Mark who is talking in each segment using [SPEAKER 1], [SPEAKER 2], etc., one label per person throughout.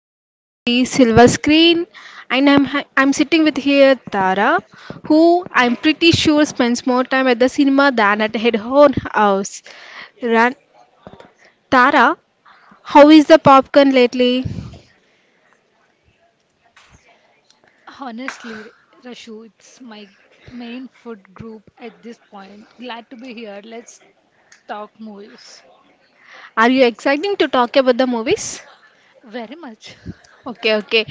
[SPEAKER 1] the magic of the silver screen. And I'm sitting with here Tara, who I'm pretty sure spends more time at the cinema than at her own house. Ran- Tara, how is the popcorn lately?
[SPEAKER 2] Honestly, Rashu, it's my main food group at this point. Glad to be here. Let's talk movies.
[SPEAKER 1] Are you exciting to talk about the movies?
[SPEAKER 2] Very much.
[SPEAKER 1] Okay, okay.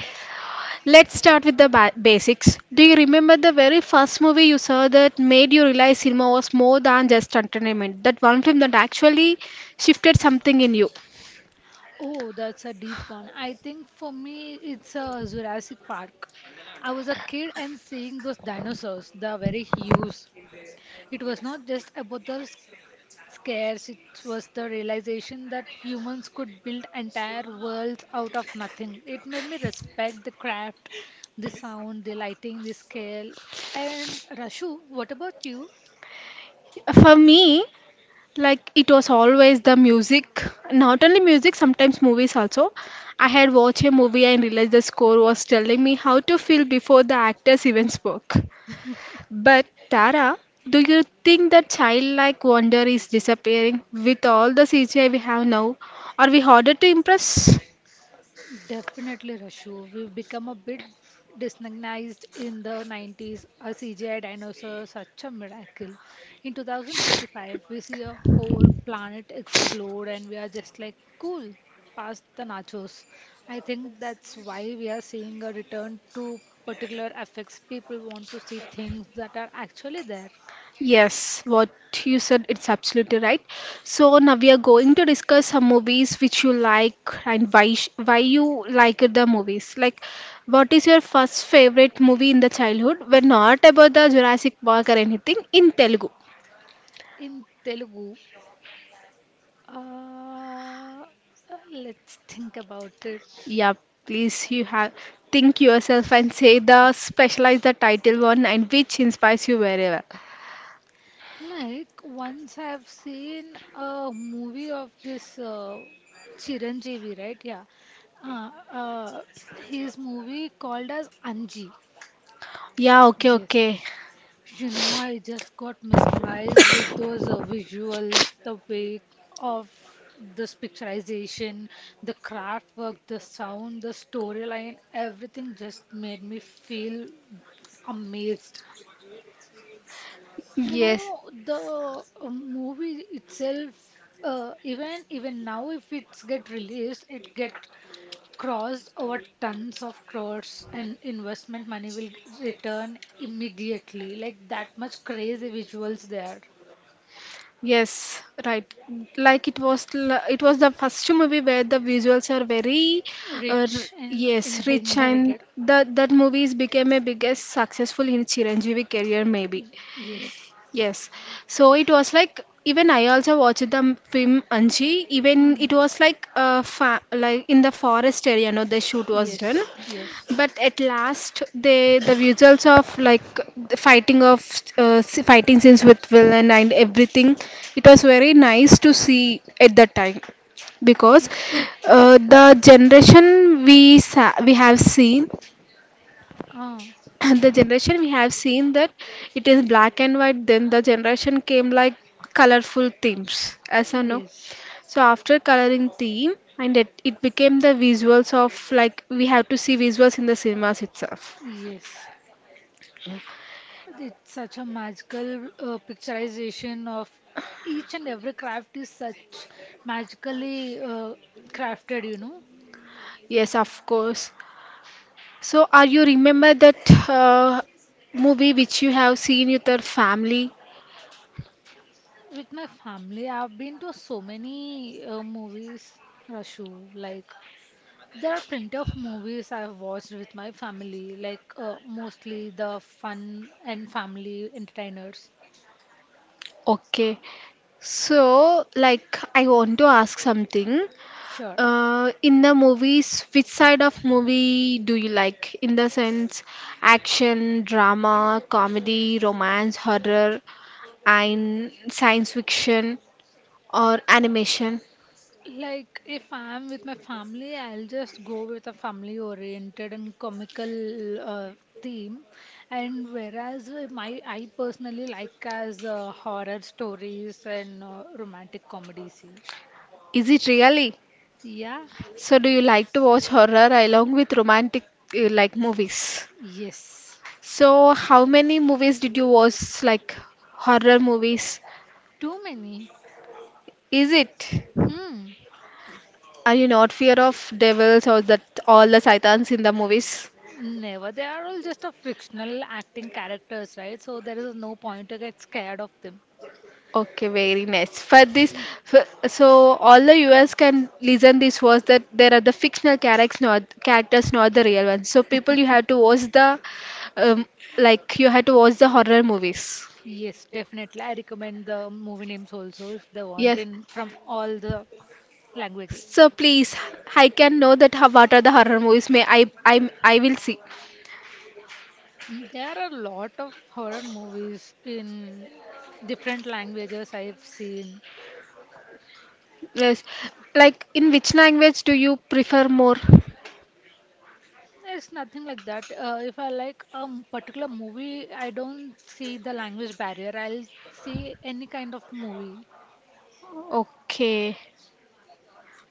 [SPEAKER 1] Let's start with the basics. Do you remember the very first movie you saw that made you realize cinema was more than just entertainment? That one film that actually shifted something in you.
[SPEAKER 2] Oh, that's a deep one. I think for me, it's a Jurassic Park. I was a kid and seeing those dinosaurs, the very huge. It was not just about the scarce. It was the realization that humans could build entire worlds out of nothing. It made me respect the craft, the sound, the lighting, the scale. And Rashu, what about you?
[SPEAKER 1] For me, like it was always the music. Not only music, sometimes movies also. I had watched a movie and realized the score was telling me how to feel before the actors even spoke. But Tara, do you think that childlike wonder is disappearing with all the CGI we have now? Are we harder to impress?
[SPEAKER 2] Definitely, Rashu. We've become a bit disorganized in the 90s. A CGI dinosaur, such a miracle. In 2025, we see a whole planet explode, and we are just like, cool, past the nachos. I think that's why we are seeing a return to particular effects. People want to see things that are actually there.
[SPEAKER 1] Yes, what you said, it's absolutely right. So now we are going to discuss some movies which you like and why you like the movies. Like, what is your first favorite movie in the childhood? We're not about the Jurassic Park or anything in Telugu.
[SPEAKER 2] In Telugu, uh, let's think about it.
[SPEAKER 1] Yeah, please you have think yourself and say the specialize the title one and which inspires you very well.
[SPEAKER 2] Like once I've seen a movie of this Chiranjeevi, right? Yeah. Uh, uh, his movie called as Anji.
[SPEAKER 1] Yeah, okay,
[SPEAKER 2] Yes.
[SPEAKER 1] okay.
[SPEAKER 2] You know, I just got mesmerized with those visuals, the way of this picturization, the craft work, the sound, the storyline, everything just made me feel amazed. You
[SPEAKER 1] Yes,
[SPEAKER 2] know, the movie itself, even now, if it's get released, it get crossed over tons of crores, and investment money will return immediately. Like that much crazy visuals there,
[SPEAKER 1] yes, right. Like it was the first movie where the visuals are very,
[SPEAKER 2] rich and
[SPEAKER 1] yes,
[SPEAKER 2] in
[SPEAKER 1] rich, and
[SPEAKER 2] inherited.
[SPEAKER 1] that movies became a biggest successful in Chiranjeevi career maybe.
[SPEAKER 2] Y- Yes.
[SPEAKER 1] Yes. So it was like even I also watched the film Anji. Even it
[SPEAKER 2] Mm.
[SPEAKER 1] was like fa like in the forest area, no, the shoot was done.
[SPEAKER 2] Yes. Yes.
[SPEAKER 1] But at last, they the visuals of like the fighting of fighting scenes with villain and everything, it was very nice to see at that time because
[SPEAKER 2] Ye-
[SPEAKER 1] the generation we have seen
[SPEAKER 2] Ah.
[SPEAKER 1] and the generation we have seen that it is black and white, then the generation came like colorful themes as I know.
[SPEAKER 2] Yes.
[SPEAKER 1] So after coloring theme and it became the visuals of like we have to see visuals in the cinemas itself.
[SPEAKER 2] Yes. It's such a magical picturization of each and every craft is such magically crafted, you know.
[SPEAKER 1] Yes, of course. So are you remember that movie which you have seen with your family?
[SPEAKER 2] With my family, I've been to so many movies, Rashu. Like there are plenty of movies I've watched with my family, like mostly the fun and family entertainers.
[SPEAKER 1] Okay, so like I want to ask something.
[SPEAKER 2] Sure.
[SPEAKER 1] In the movies, which side of movie do you like? In the sense, action, drama, comedy, romance, horror, and science fiction or animation?
[SPEAKER 2] Like, if I'm with my family, I'll just go with a family oriented and comical theme. And whereas my I personally like as horror stories and romantic comedy scene.
[SPEAKER 1] Is it really?
[SPEAKER 2] Yeah,
[SPEAKER 1] So, do you like to watch horror along with romantic like movies?
[SPEAKER 2] yes.
[SPEAKER 1] So, how many movies did you watch like horror movies?
[SPEAKER 2] Too many.
[SPEAKER 1] Is it?
[SPEAKER 2] Hmm.
[SPEAKER 1] Are you not fear of devils or that all the satans in the movies?
[SPEAKER 2] Never. They are all just a frictional acting characters, right? So there is no point to get scared of them.
[SPEAKER 1] Okay, very nice. For this, for, so all the viewers can listen this was that there are the fictional characters, not the real ones. So people, you have to watch the, um, like you have to watch the horror movies.
[SPEAKER 2] Yes, definitely. I recommend the movie names also if they want
[SPEAKER 1] Yes.
[SPEAKER 2] in from all the languages.
[SPEAKER 1] So please, I can know that how, what are the horror movies. I will see.
[SPEAKER 2] There are a lot of horror movies in different languages I've seen.
[SPEAKER 1] Yes. Like in which language do you prefer more?
[SPEAKER 2] It's nothing like that. If I like a particular movie, I don't see the language barrier. I'll see any kind of movie.
[SPEAKER 1] Okay.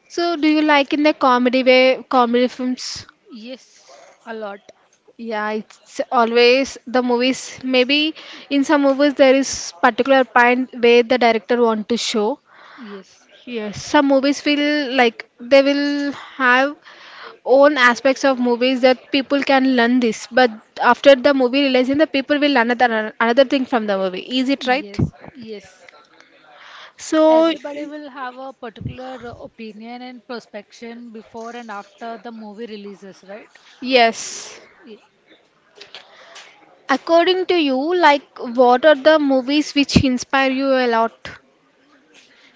[SPEAKER 1] So do you like in the comedy way, comedy films?
[SPEAKER 2] Yes, a lot.
[SPEAKER 1] Yeah, it's always the movies. Maybe in some movies there is particular point where the director want to show.
[SPEAKER 2] Yes,
[SPEAKER 1] Yes, some movies will like they will have own aspects of movies that people can learn this. But after the movie realizing the people will learn another thing from the movie. Is it right?
[SPEAKER 2] yes, yes.
[SPEAKER 1] So
[SPEAKER 2] Everybody will have a particular opinion and prospection before and after the movie releases, right?
[SPEAKER 1] yes. According to you, like what are the movies which inspire you a lot?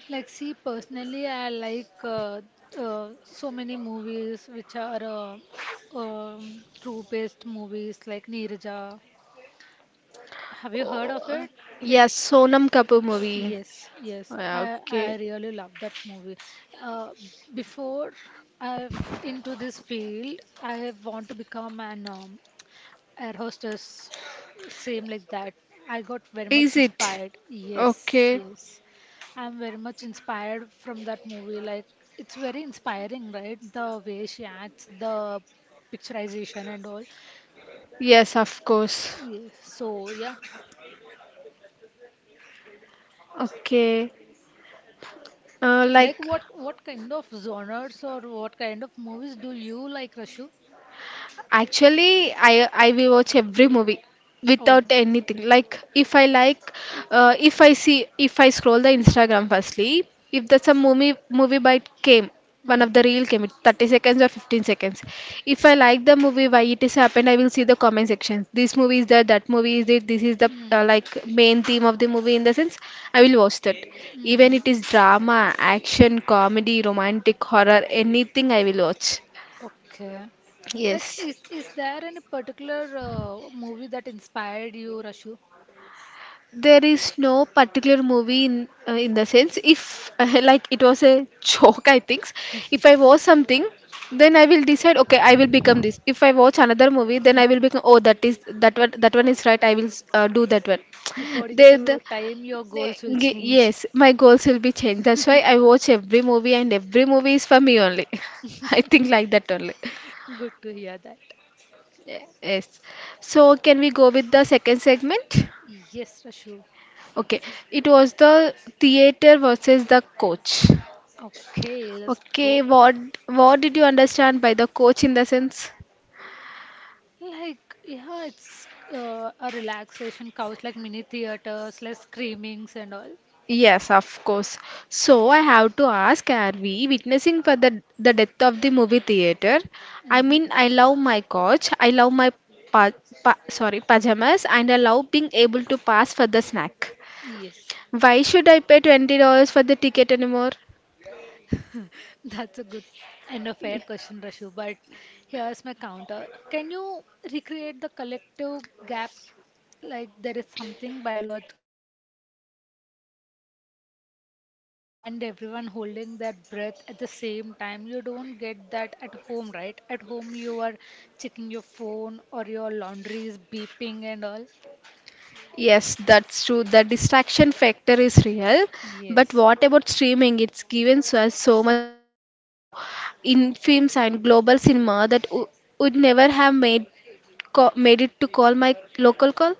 [SPEAKER 2] Like, see, personally, I like so many movies which are true-based movies like Neeraja. Have you heard of it? It
[SPEAKER 1] Yes, Sonam Kapoor movie.
[SPEAKER 2] yes, yes.
[SPEAKER 1] Yeah,
[SPEAKER 2] I
[SPEAKER 1] okay.
[SPEAKER 2] I really love that movie. Uh, Before I've into this field, I want to become an air hostess, same like that. I got very much
[SPEAKER 1] Is it?
[SPEAKER 2] inspired. Yes,
[SPEAKER 1] Okay.
[SPEAKER 2] yes. I'm very much inspired from that movie. Like, it's very inspiring, right? The way she acts, the picturization and all.
[SPEAKER 1] Yes, of course.
[SPEAKER 2] Yes. So, yeah.
[SPEAKER 1] Okay.
[SPEAKER 2] Like,
[SPEAKER 1] Like
[SPEAKER 2] what kind of genres or what kind of movies do you like, Rashu?
[SPEAKER 1] actually, I will watch every movie without
[SPEAKER 2] Oh.
[SPEAKER 1] anything. Like, if I see, if I scroll the Instagram firstly, if that's a movie bite came, one of
[SPEAKER 2] Hmm.
[SPEAKER 1] the reel came, it 30 seconds or 15 seconds. If I like the movie, why it is happened, I will see the comment sections. This movie is there, that movie is it. This is the
[SPEAKER 2] Hmm.
[SPEAKER 1] like main theme of the movie in the sense. I will watch that. Even
[SPEAKER 2] Mm-hmm.
[SPEAKER 1] it is drama, action, comedy, romantic, horror, anything I will watch.
[SPEAKER 2] Okay. Like,
[SPEAKER 1] Yes.
[SPEAKER 2] is there any particular movie that inspired you, Rashu?
[SPEAKER 1] There is no particular movie in the sense if like it was a joke I think. If I watch something, then I will decide okay I will become this. If I watch another movie, then I will become oh that is that one, that one is right, I will do that one.
[SPEAKER 2] According
[SPEAKER 1] they, the,
[SPEAKER 2] to time, your goals will change.
[SPEAKER 1] yes my goals will be changed. That's why I watch every movie and every movie is for me only. I think like that only.
[SPEAKER 2] Good to hear that.
[SPEAKER 1] Yes, so can we go with the second segment?
[SPEAKER 2] Yes, Rashu.
[SPEAKER 1] Okay, it was the theater versus the coach.
[SPEAKER 2] Okay, let's
[SPEAKER 1] Okay,
[SPEAKER 2] go.
[SPEAKER 1] what did you understand by the coach in the sense?
[SPEAKER 2] Like, yeah, it's a relaxation couch, like mini theaters, like screamings and all.
[SPEAKER 1] Yes, of course. So I have to ask, are we witnessing for the death of the movie theater? I
[SPEAKER 2] Mm-hmm.
[SPEAKER 1] mean, I love my coach. I love my pa, sorry pajamas, and I love being able to pass for the snack.
[SPEAKER 2] Yes,
[SPEAKER 1] Why should I pay $20 for the ticket anymore?
[SPEAKER 2] that's a good and a fair question, Rashu. But here's my counter. Can you recreate the collective gap, like there is something biological about sitting in a dark room with 200 strangers and everyone holding their breath at the same time? You don't get that at home. Right, at home you are checking your phone or your laundry is beeping and all.
[SPEAKER 1] Yes, that's true. The distraction factor is real. But
[SPEAKER 2] Yes,
[SPEAKER 1] what about streaming? It's given us so much of access to in films and global cinema that w would never have made co made it to call my local call.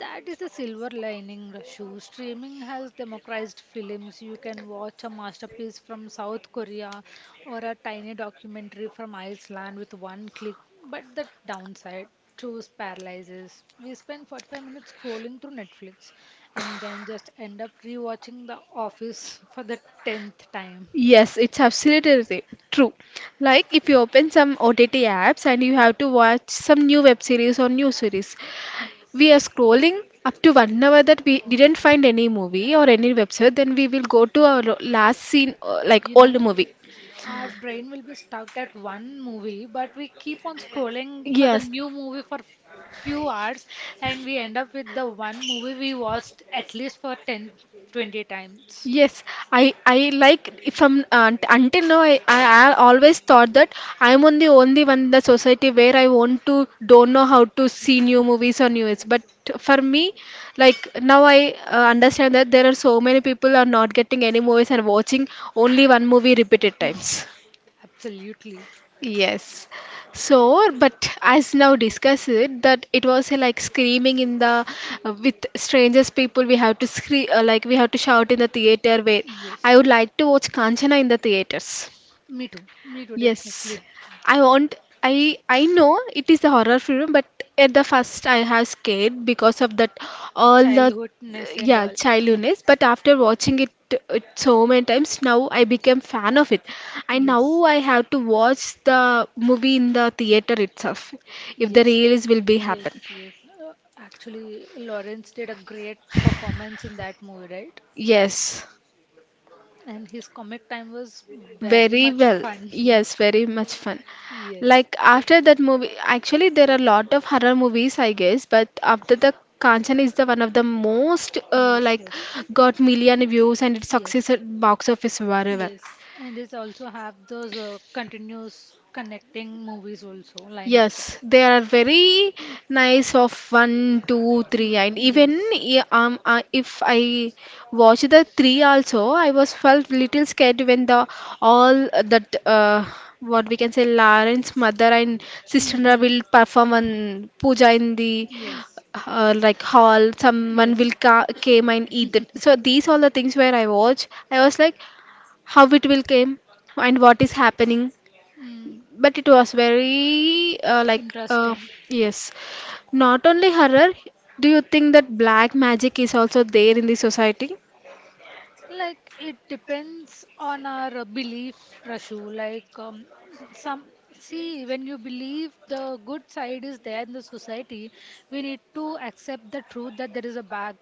[SPEAKER 2] that is a silver lining, Rashu. Streaming has democratized films. You can watch a masterpiece from South Korea or a tiny documentary from Iceland with one click. But the downside, choose paralyzes. We spend 45 minutes scrolling through Netflix and then just end up rewatching The Office for the 10th time.
[SPEAKER 1] Yes, it's absolutely true. Like if you open some OTT apps and you have to watch some new web series or new series, we are scrolling up to 1 hour that we didn't find any movie or any website, then we will go to our last scene, like
[SPEAKER 2] You
[SPEAKER 1] old
[SPEAKER 2] know?
[SPEAKER 1] movie.
[SPEAKER 2] Our brain will be stuck at one movie, but we keep on scrolling for the
[SPEAKER 1] Yes,
[SPEAKER 2] new movie for few hours, and we end up with the one movie we watched at least for 10, 20 times.
[SPEAKER 1] yes. I like from until now, I always thought that I'm on the only one in the society where I want to don't know how to see new movies or news. But for me, like now I understand that there are so many people are not getting any movies and watching only one movie repeated times.
[SPEAKER 2] Absolutely.
[SPEAKER 1] Yes. So, but as now discussed it, that it was like screaming in the with strangers people. We have to scream like we have to shout in the theater. Where I
[SPEAKER 2] Yes.
[SPEAKER 1] would like to watch Kanchana in the theaters.
[SPEAKER 2] Me too. Me too,
[SPEAKER 1] Yes,
[SPEAKER 2] definitely.
[SPEAKER 1] I want. I know it is a horror film, but at the first I have scared because of that all the
[SPEAKER 2] Childhoodness and
[SPEAKER 1] yeah
[SPEAKER 2] all.
[SPEAKER 1] childhoodness. But after watching it, it so many times, now I became fan of it. I now
[SPEAKER 2] Yes.
[SPEAKER 1] I have to watch the movie in the theater itself if the
[SPEAKER 2] Yes.
[SPEAKER 1] release will be
[SPEAKER 2] Yes,
[SPEAKER 1] happen.
[SPEAKER 2] yes. Actually, Lawrence did a great performance in that movie, right?
[SPEAKER 1] Yes.
[SPEAKER 2] And his comic time was very
[SPEAKER 1] Very
[SPEAKER 2] much
[SPEAKER 1] well.
[SPEAKER 2] fun.
[SPEAKER 1] Yes, very much fun.
[SPEAKER 2] Yes.
[SPEAKER 1] Like after that movie, actually there are a lot of horror movies, I guess, but after the Kanchan is the one of the most
[SPEAKER 2] Yes,
[SPEAKER 1] like
[SPEAKER 2] yes,
[SPEAKER 1] got million views and it
[SPEAKER 2] yes,
[SPEAKER 1] succeeded box office very well.
[SPEAKER 2] yes. And this also have those continuous connecting movies also line up.
[SPEAKER 1] Yes, they are very nice of one, two, three,
[SPEAKER 2] Mm,
[SPEAKER 1] and even
[SPEAKER 2] yes.
[SPEAKER 1] if I watch the three also, I was felt little scared when the all that what we can say Lawrence mother and sister will
[SPEAKER 2] Mm-hmm.
[SPEAKER 1] perform
[SPEAKER 2] Mm.
[SPEAKER 1] an puja in the
[SPEAKER 2] Yes.
[SPEAKER 1] like hall. Someone
[SPEAKER 2] Yes.
[SPEAKER 1] will ca came and eat it. So these all the things where I watch, I was like, how it will came and what is happening,
[SPEAKER 2] Mm.
[SPEAKER 1] but it was very
[SPEAKER 2] Interesting.
[SPEAKER 1] yes not only horror. Do you think that black magic is also there in the society?
[SPEAKER 2] Like it depends on our belief, Rashu. Like some see, when you believe the good side is there in the society, we need to accept the truth that there is a bad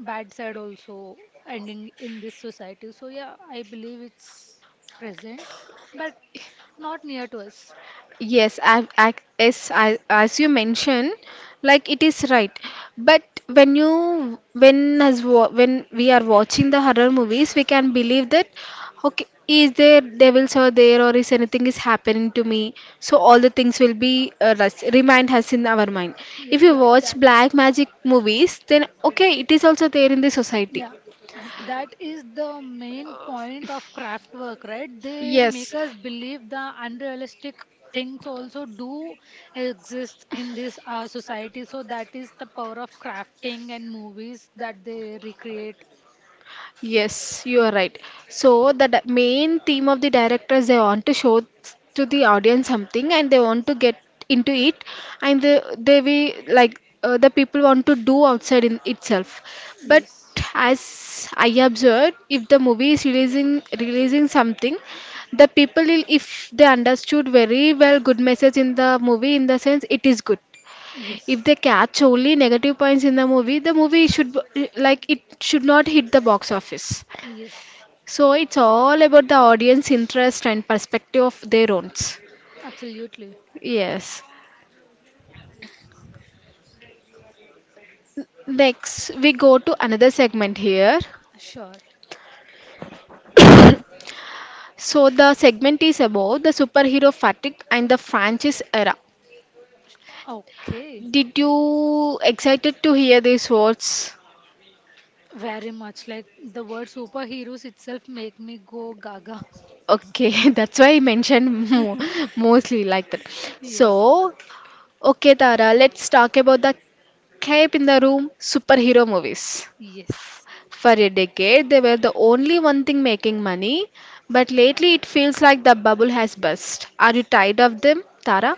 [SPEAKER 2] bad side also ending in this society. So yeah, I believe it's present, but not near to us.
[SPEAKER 1] Yes, I, I, yes, I, as you mentioned, like it is right. But when you, when when we are watching the horror movies, we can believe that, okay, is there devils are there or is anything is happening to me? So all the things will be remind us in our mind.
[SPEAKER 2] Yeah,
[SPEAKER 1] If you
[SPEAKER 2] yeah,
[SPEAKER 1] watch
[SPEAKER 2] that.
[SPEAKER 1] black magic movies, then okay, it is also there in the society.
[SPEAKER 2] Yeah, and that is the main point of craft work, right? They
[SPEAKER 1] Yes,
[SPEAKER 2] make us believe the unrealistic things also do exist in this society. So that is the power of crafting and movies that they recreate.
[SPEAKER 1] yes, you are right. So the main theme of the directors they want to show to the audience something and they want to get into it and they we like the people want to do outside in itself. But
[SPEAKER 2] Yes,
[SPEAKER 1] as I observed, if the movie is releasing something, the people will if they understood very well good message in the movie in the sense it is good. If
[SPEAKER 2] yes,
[SPEAKER 1] they catch only negative points in the movie like it should not hit the box office.
[SPEAKER 2] yes,
[SPEAKER 1] So it's all about the audience interest and perspective of their own.
[SPEAKER 2] absolutely.
[SPEAKER 1] Yes. Next, we go to another segment here.
[SPEAKER 2] Sure.
[SPEAKER 1] So the segment is about the superhero fatigue and the franchise era.
[SPEAKER 2] Okay.
[SPEAKER 1] Did you excited to hear these words?
[SPEAKER 2] Very much, like the word superheroes itself make me go gaga.
[SPEAKER 1] Okay, that's why I mentioned mostly like that.
[SPEAKER 2] Yes,
[SPEAKER 1] So, okay, Tara, let's talk about the cape in the room superhero movies.
[SPEAKER 2] yes.
[SPEAKER 1] For a decade, they were the only one thing making money, but lately it feels like the bubble has burst. Are you tired of them, Tara?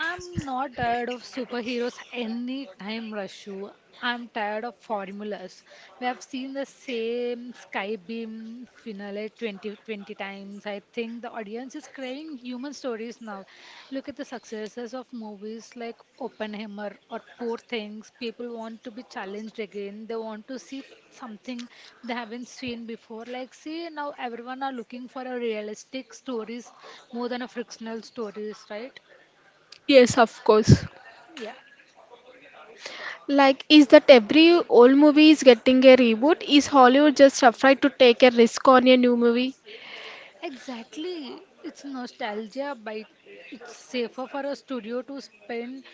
[SPEAKER 2] I'm not tired of superheroes anytime, Rashu. I'm tired of formulas. We have seen the same Skybeam finale 20 times. I think the audience is craving human stories now. Look at the successes of movies like Oppenheimer or Poor Things. People want to be challenged again. They want to see something they haven't seen before. Like, see, now everyone are looking for a realistic stories more than a frictional stories, right?
[SPEAKER 1] Yes, of course.
[SPEAKER 2] Yeah.
[SPEAKER 1] Like, is that every old movie is getting a reboot? Is Hollywood just afraid to take a risk on a new movie?
[SPEAKER 2] Exactly. It's nostalgia, but it's safer for a studio to spend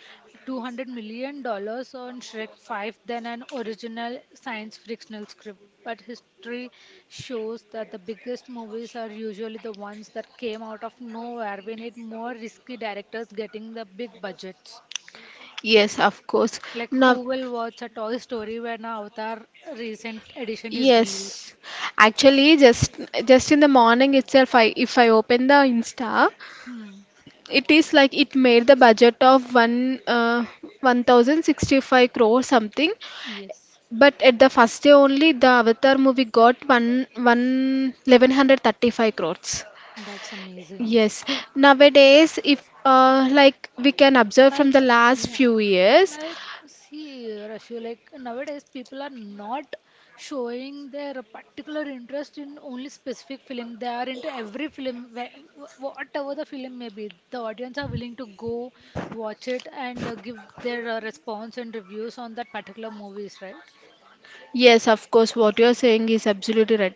[SPEAKER 2] $200 million dollars on Shrek 5 than an original science fictional script. But history shows that the biggest movies are usually the ones that came out of nowhere. We need more risky directors getting the big budgets.
[SPEAKER 1] Yes, of course.
[SPEAKER 2] Like,
[SPEAKER 1] Now,
[SPEAKER 2] who will watch a Toy Story when a Avatar recent edition is released?
[SPEAKER 1] yes, actually, just in the morning itself, I if I open the Insta,
[SPEAKER 2] Hmm.
[SPEAKER 1] it is like it made the budget of one 1065 crore something,
[SPEAKER 2] Yes,
[SPEAKER 1] but at the first day only the Avatar movie got one eleven hundred thirty five crores.
[SPEAKER 2] that's amazing.
[SPEAKER 1] Yes, nowadays, if like we can observe
[SPEAKER 2] Like,
[SPEAKER 1] from the last
[SPEAKER 2] yeah,
[SPEAKER 1] few years,
[SPEAKER 2] like, see, Rashu, like nowadays people are not showing their particular interest in only specific film. They are into every film, whatever the film may be. The audience are willing to go watch it and give their response and reviews on that particular movies, right?
[SPEAKER 1] yes, of course, what you're saying is absolutely right.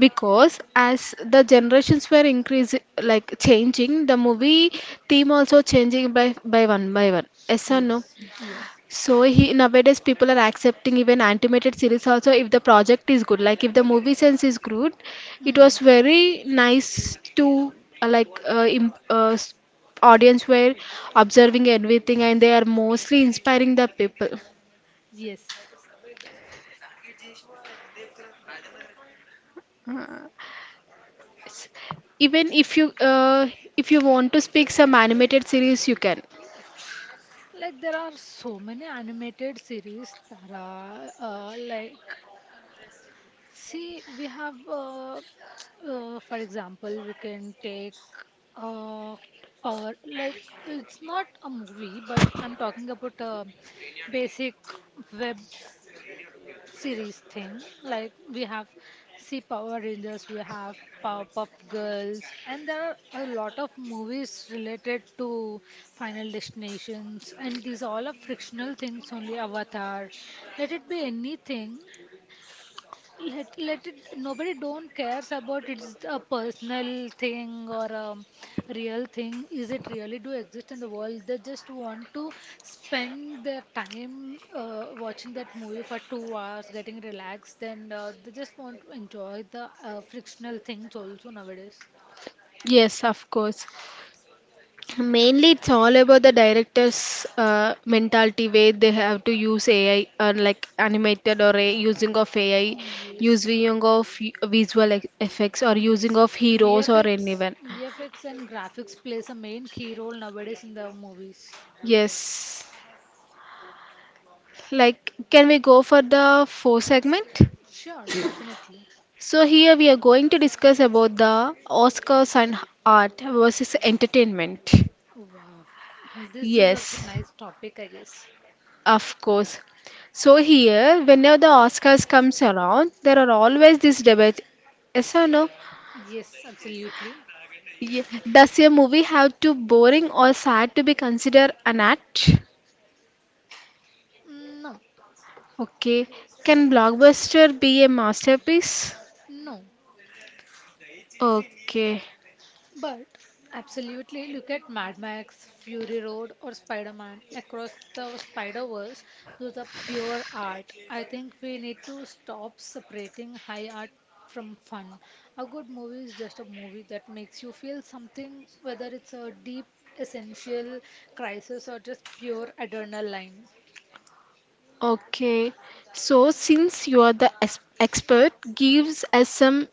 [SPEAKER 1] Because as the generations were increasing, like changing, the movie theme also changing by one by one. Yes or no?
[SPEAKER 2] Yes, yes.
[SPEAKER 1] So he nowadays people are accepting even animated series also if the project is good. Like if the movie sense is good, it was
[SPEAKER 2] Mm.
[SPEAKER 1] very nice to uh, like uh, im uh, s- audience were observing everything and they are mostly inspiring the people.
[SPEAKER 2] Yes.
[SPEAKER 1] Even if you want to speak some animated series, you can.
[SPEAKER 2] Like there are so many animated series, Tara, like, see, we have, for example, we can take uh, Power. Like, it's not a movie, but I'm talking about a basic web series thing. Like, we have see Power Rangers, we have Powerpuff Girls, and there are a lot of movies related to Final Destinations, and these all are fictional things only. Avatar, let it be anything, let it nobody don't cares about it's a personal thing or a real thing, is it really do exist in the world. They just want to spend their time watching that movie for 2 hours getting relaxed, and they just want to enjoy the frictional things also nowadays.
[SPEAKER 1] Yes, of course. Mainly, it's all about the director's mentality where they have to use AI or like animated or a using of AI,
[SPEAKER 2] Yes,
[SPEAKER 1] using of visual effects or using
[SPEAKER 2] yes.
[SPEAKER 1] of heroes or anyone.
[SPEAKER 2] VFX and graphics plays a main key role nowadays in the movies.
[SPEAKER 1] Yes. Like, can we go for the fourth segment?
[SPEAKER 2] Sure, definitely.
[SPEAKER 1] So here we are going to discuss about the Oscars and art versus entertainment.
[SPEAKER 2] Wow, this is a
[SPEAKER 1] Yes.
[SPEAKER 2] nice topic, I guess.
[SPEAKER 1] Of course. So here, whenever the Oscars comes around, there are always this debate. Yes or no?
[SPEAKER 2] Yes, absolutely.
[SPEAKER 1] Ye- Does a movie have to boring or sad to be considered an art?
[SPEAKER 2] No,
[SPEAKER 1] Okay. Can blockbuster be a masterpiece?
[SPEAKER 2] no,
[SPEAKER 1] Okay.
[SPEAKER 2] but absolutely look at Mad Max, Fury Road, or Spider-Man across the Spider-Verse. Those are pure art. I think we need to stop separating high art from fun. A good movie is just a movie that makes you feel something, whether it's a deep, essential crisis or just pure adrenaline.
[SPEAKER 1] Okay. So since you are the expert, gives us some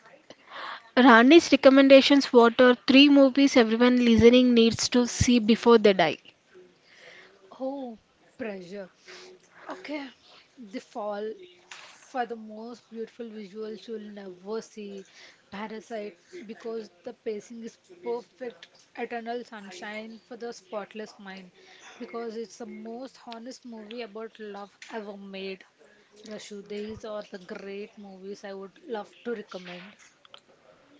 [SPEAKER 1] Rani's recommendations. What are three movies everyone listening needs to see before they die?
[SPEAKER 2] Oh, pressure. Okay, the fall for the most beautiful visuals you'll never see, Parasite because the pacing is perfect. Eternal Sunshine for the spotless mind because it's the most honest movie about love ever made. Rashu, these are the great movies I would love to recommend.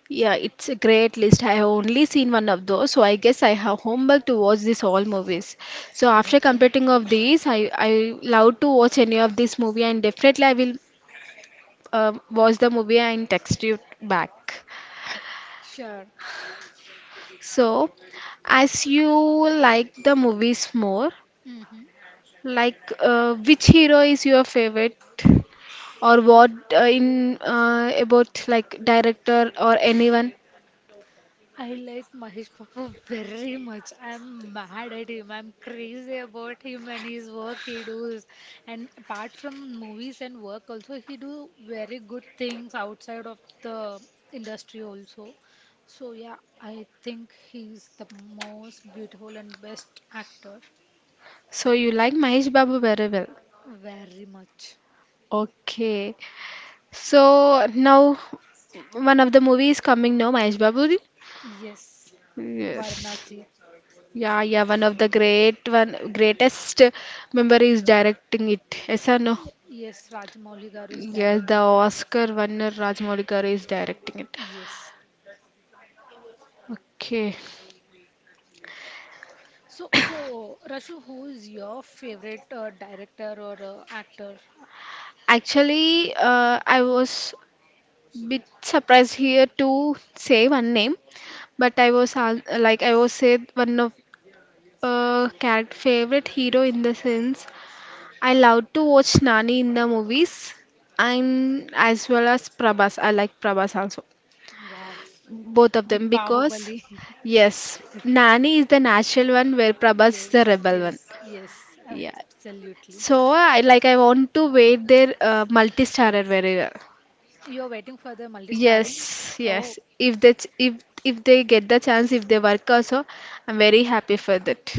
[SPEAKER 1] Yeah, it's a great list. I have only seen one of those, so I guess I have homework to watch these all movies. So after completing
[SPEAKER 2] Definitely.
[SPEAKER 1] of these, I love to watch any of this movie, and definitely I will watch the movie and text you back.
[SPEAKER 2] Sure.
[SPEAKER 1] So, as you like the movies more,
[SPEAKER 2] Mm-hmm.
[SPEAKER 1] like which hero is your favorite, or what in about like director or anyone?
[SPEAKER 2] I like Mahesh Babu very much. I'm mad at him. I'm crazy about him and his work he does. And apart from movies and work also, he do very good things outside of the industry also. So yeah, I think he's the most beautiful and best actor.
[SPEAKER 1] So you like Mahesh Babu very well.
[SPEAKER 2] Very much.
[SPEAKER 1] Okay. So now one of the movies coming now, Mahesh Babu.
[SPEAKER 2] Yes.
[SPEAKER 1] Yes.
[SPEAKER 2] Varanasi.
[SPEAKER 1] Yeah, yeah, one of the greatest member is directing it. Yes or no?
[SPEAKER 2] Y- Yes, Rajamouli garu is
[SPEAKER 1] Yes, the
[SPEAKER 2] directing it.
[SPEAKER 1] Oscar winner Rajmaulikar is directing it.
[SPEAKER 2] Yes.
[SPEAKER 1] Okay.
[SPEAKER 2] So, so Rashu, who is your favorite director or actor?
[SPEAKER 1] Actually, I was bit surprised here to say one name, but I was I was said one of character favorite hero in the sense I love to watch Nani in the movies and as well as Prabhas. I like Prabhas also.
[SPEAKER 2] Wow,
[SPEAKER 1] Both of
[SPEAKER 2] the
[SPEAKER 1] them because
[SPEAKER 2] Bahubali.
[SPEAKER 1] yes, Nani is the natural one where Prabhas is
[SPEAKER 2] Yes,
[SPEAKER 1] the rebel one.
[SPEAKER 2] yes, yes,
[SPEAKER 1] Yeah.
[SPEAKER 2] absolutely.
[SPEAKER 1] So I want to wait their multi-starrer very well.
[SPEAKER 2] You're waiting for the multi-starring?
[SPEAKER 1] Yes,
[SPEAKER 2] Oh,
[SPEAKER 1] yes. If they get the chance, if they work also, I'm very happy for that.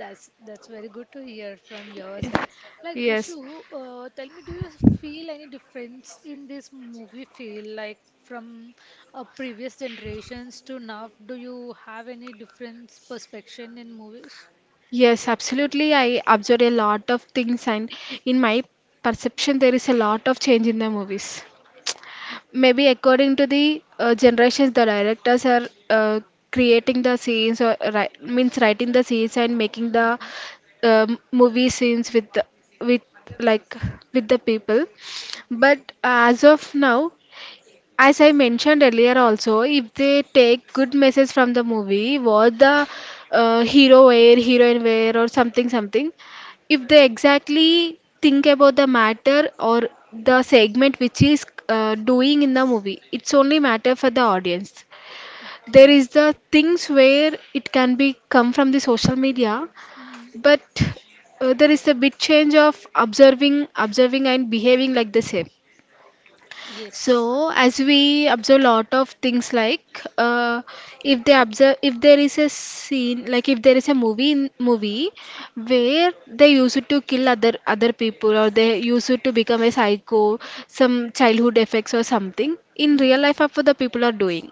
[SPEAKER 2] that's very good to hear from your side. Like Rashu,
[SPEAKER 1] Yes.
[SPEAKER 2] tell me, do you feel any difference in this movie feel like from previous generations to now? Do you have any different perception in movies?
[SPEAKER 1] Yes, absolutely. I observed a lot of things, and in my perception, there is a lot of change in the movies. Maybe according to the generations, the directors are creating the scenes, or ri means writing the scenes and making the
[SPEAKER 2] Mhm.
[SPEAKER 1] movie scenes with like with the people. But as of now, as I mentioned earlier also, if they take good message from the movie, what the hero wear, heroine wear, or something, something, if they exactly think about the matter or the segment which is doing in the movie, it's only matter for the audience. There
[SPEAKER 2] Okay.
[SPEAKER 1] is the things where it can be come from the social media,
[SPEAKER 2] Mhm.
[SPEAKER 1] but there is a bit change of observing and behaving like the same so,
[SPEAKER 2] Yes.
[SPEAKER 1] as we observe lot of things like if they observe if there is a scene like if there is a movie in movie where they used to kill other people or they used to become a psycho, some childhood effects or something. In real
[SPEAKER 2] Mhm.
[SPEAKER 1] life, of the people are doing.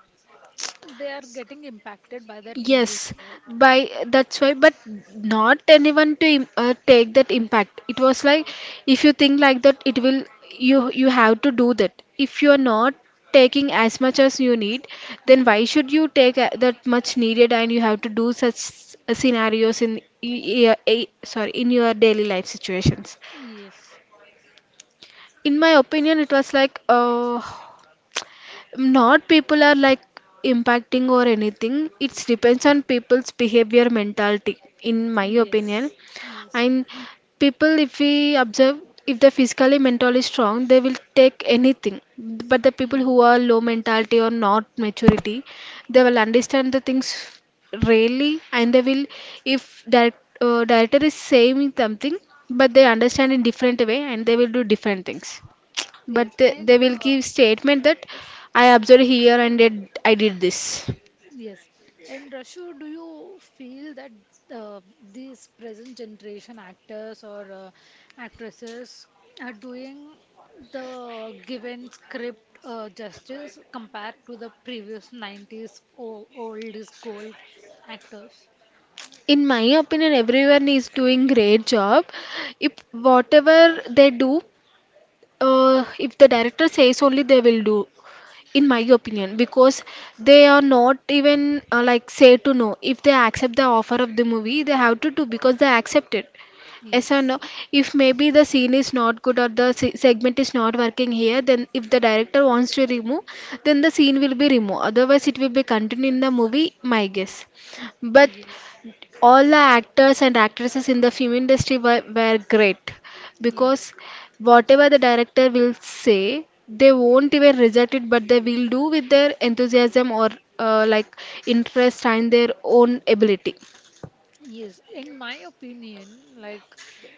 [SPEAKER 2] They are getting impacted by that
[SPEAKER 1] Yes,
[SPEAKER 2] movies, right?
[SPEAKER 1] by that's why, but not anyone to take that impact. It was like if you think like that, it will you have to do that. If you are not taking as much as you need, then why should you take that much needed and you have to do such scenarios in your sorry in your daily life situations?
[SPEAKER 2] Yes.
[SPEAKER 1] In my opinion, it was like not people are like impacting or anything, it depends on people's behavior mentality in my opinion,
[SPEAKER 2] Yes. Yes.
[SPEAKER 1] and people if we observe if the physically mentally strong they will take anything, but the people who
[SPEAKER 2] Mhm.
[SPEAKER 1] are low mentality or not maturity they will understand the things rarely and they will if that director is saying something but they understand in different way and they will do different things
[SPEAKER 2] Yes,
[SPEAKER 1] but they
[SPEAKER 2] and
[SPEAKER 1] will give statement that I observed here and I did this
[SPEAKER 2] yes, Rashu, do you feel that uh, these present generation actors or actresses are doing the given script justice compared to the previous 90s old, old is gold actors?
[SPEAKER 1] in my opinion everyone is doing great job if whatever they do if the director says only they will do in my
[SPEAKER 2] Mhm.
[SPEAKER 1] opinion because they are not even like say to no if they accept the offer of the movie they have to do because they accept it. Yes or
[SPEAKER 2] Yes.
[SPEAKER 1] no? If maybe the scene is not good or the segment is not working here, then if the director wants to remove, then the scene will be removed. Otherwise, it will be continued in the movie, my guess. But
[SPEAKER 2] Yes,
[SPEAKER 1] all the actors and actresses in the film industry were great because
[SPEAKER 2] yes,
[SPEAKER 1] whatever the director will say, they won't even reject it, but they will do with their enthusiasm or uh, like interest and their own ability.
[SPEAKER 2] yes. In my opinion, like,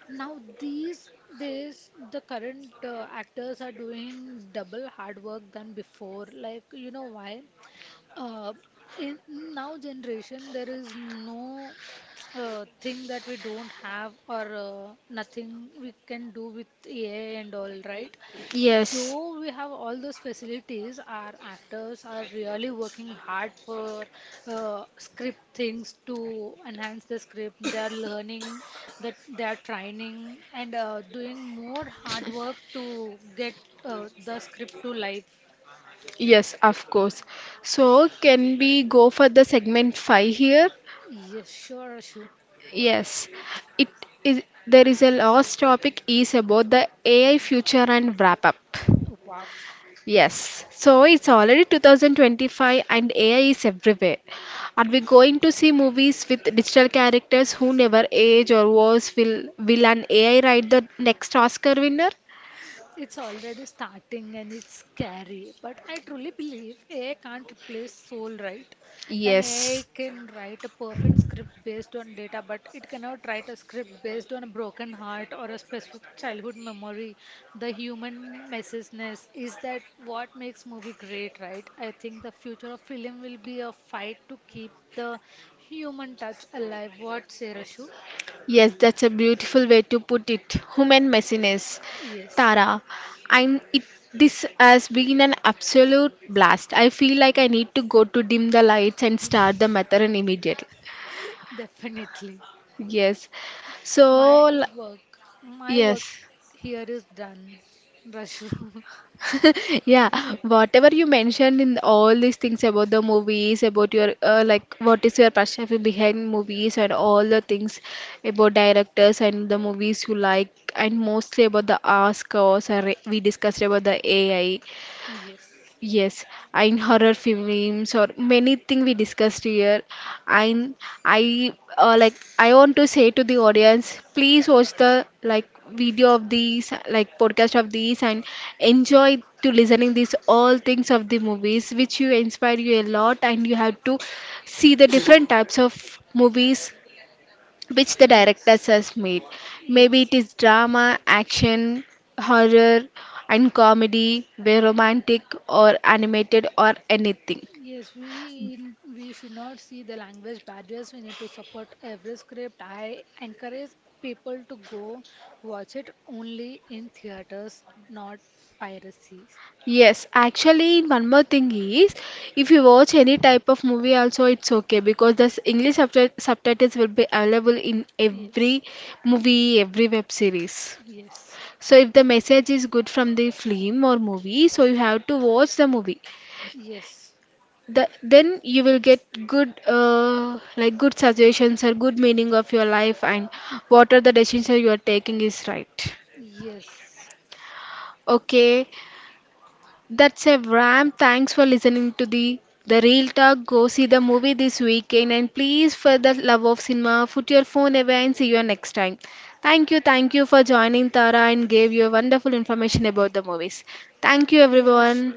[SPEAKER 2] now these days, the current actors are doing double hard work than before. Like, you know why? Uh, in now generation, there is no thing that we don't have or nothing we can do with AI and all, right?
[SPEAKER 1] Yes.
[SPEAKER 2] Though we have all those facilities, our actors are really working hard for script things to enhance the script. They are learning, that they are training and doing more hard work to get the script to life.
[SPEAKER 1] Yes, of course. So, can we go for the segment 5 here?
[SPEAKER 2] Yes, sure, Ashu.
[SPEAKER 1] Yes. It is there is a last topic is about the AI future and wrap up.
[SPEAKER 2] Wow,
[SPEAKER 1] Yes, so it's already 2025 and AI is everywhere. Are we going to see movies with digital characters who never age or worse? Will an AI write the next Oscar winner?
[SPEAKER 2] it's already starting and it's scary, but I truly believe AI can't replace soul, right? And AI
[SPEAKER 1] Yes.
[SPEAKER 2] can write a perfect script based on data, but it cannot write a script based on a broken heart or a specific childhood memory. The human messiness is that what makes movie great, right? I think the future of film will be a fight to keep the human touch alive. What, say, Shu?
[SPEAKER 1] Yes, that's a beautiful way to put it. Human messiness.
[SPEAKER 2] Yes,
[SPEAKER 1] Tara, and it this has been an absolute blast. I feel like I need to go to dim the lights and start the marathon immediately.
[SPEAKER 2] definitely.
[SPEAKER 1] Yes. So,
[SPEAKER 2] My work, my work
[SPEAKER 1] yes.
[SPEAKER 2] here is done, Rashu.
[SPEAKER 1] Yeah, whatever you mentioned in all these things about the movies, about your like what is your perspective behind movies and all the things about directors and the movies you like, and mostly about the Oscars. Or We discussed about the AI.
[SPEAKER 2] Yes,
[SPEAKER 1] Yes, in horror films or many thing we discussed here. I I like I want to say to the audience, please watch the like video of these like podcast of these and enjoy to listening these all things of the movies which you inspire you a lot and you have to see the different types of movies which the
[SPEAKER 2] yes,
[SPEAKER 1] directors has made. Maybe
[SPEAKER 2] yes,
[SPEAKER 1] it is drama, action, horror, and comedy, where romantic or animated or anything.
[SPEAKER 2] yes. We should not see the language barriers. We need to support every script. I encourage people to go watch it only in theaters, not piracy.
[SPEAKER 1] Yes, actually, one more thing is if you watch any type of movie, also it's okay because the English subtitles will be available in
[SPEAKER 2] Yes,
[SPEAKER 1] every movie, every web series.
[SPEAKER 2] yes,
[SPEAKER 1] So, if the message is good from the film or movie, so you have to watch the movie.
[SPEAKER 2] yes,
[SPEAKER 1] Th then you will get good good suggestions or good meaning of your life and what are the decisions you are taking is right.
[SPEAKER 2] yes.
[SPEAKER 1] Okay, that's a wrap. Thanks for listening to the Real Talk. Go see the movie this weekend and please, for the love of cinema, put your phone away and see you next time. Thank you for joining Tara and gave you wonderful information about the movies. Thank you,
[SPEAKER 2] Thank you, Rashu.
[SPEAKER 1] everyone.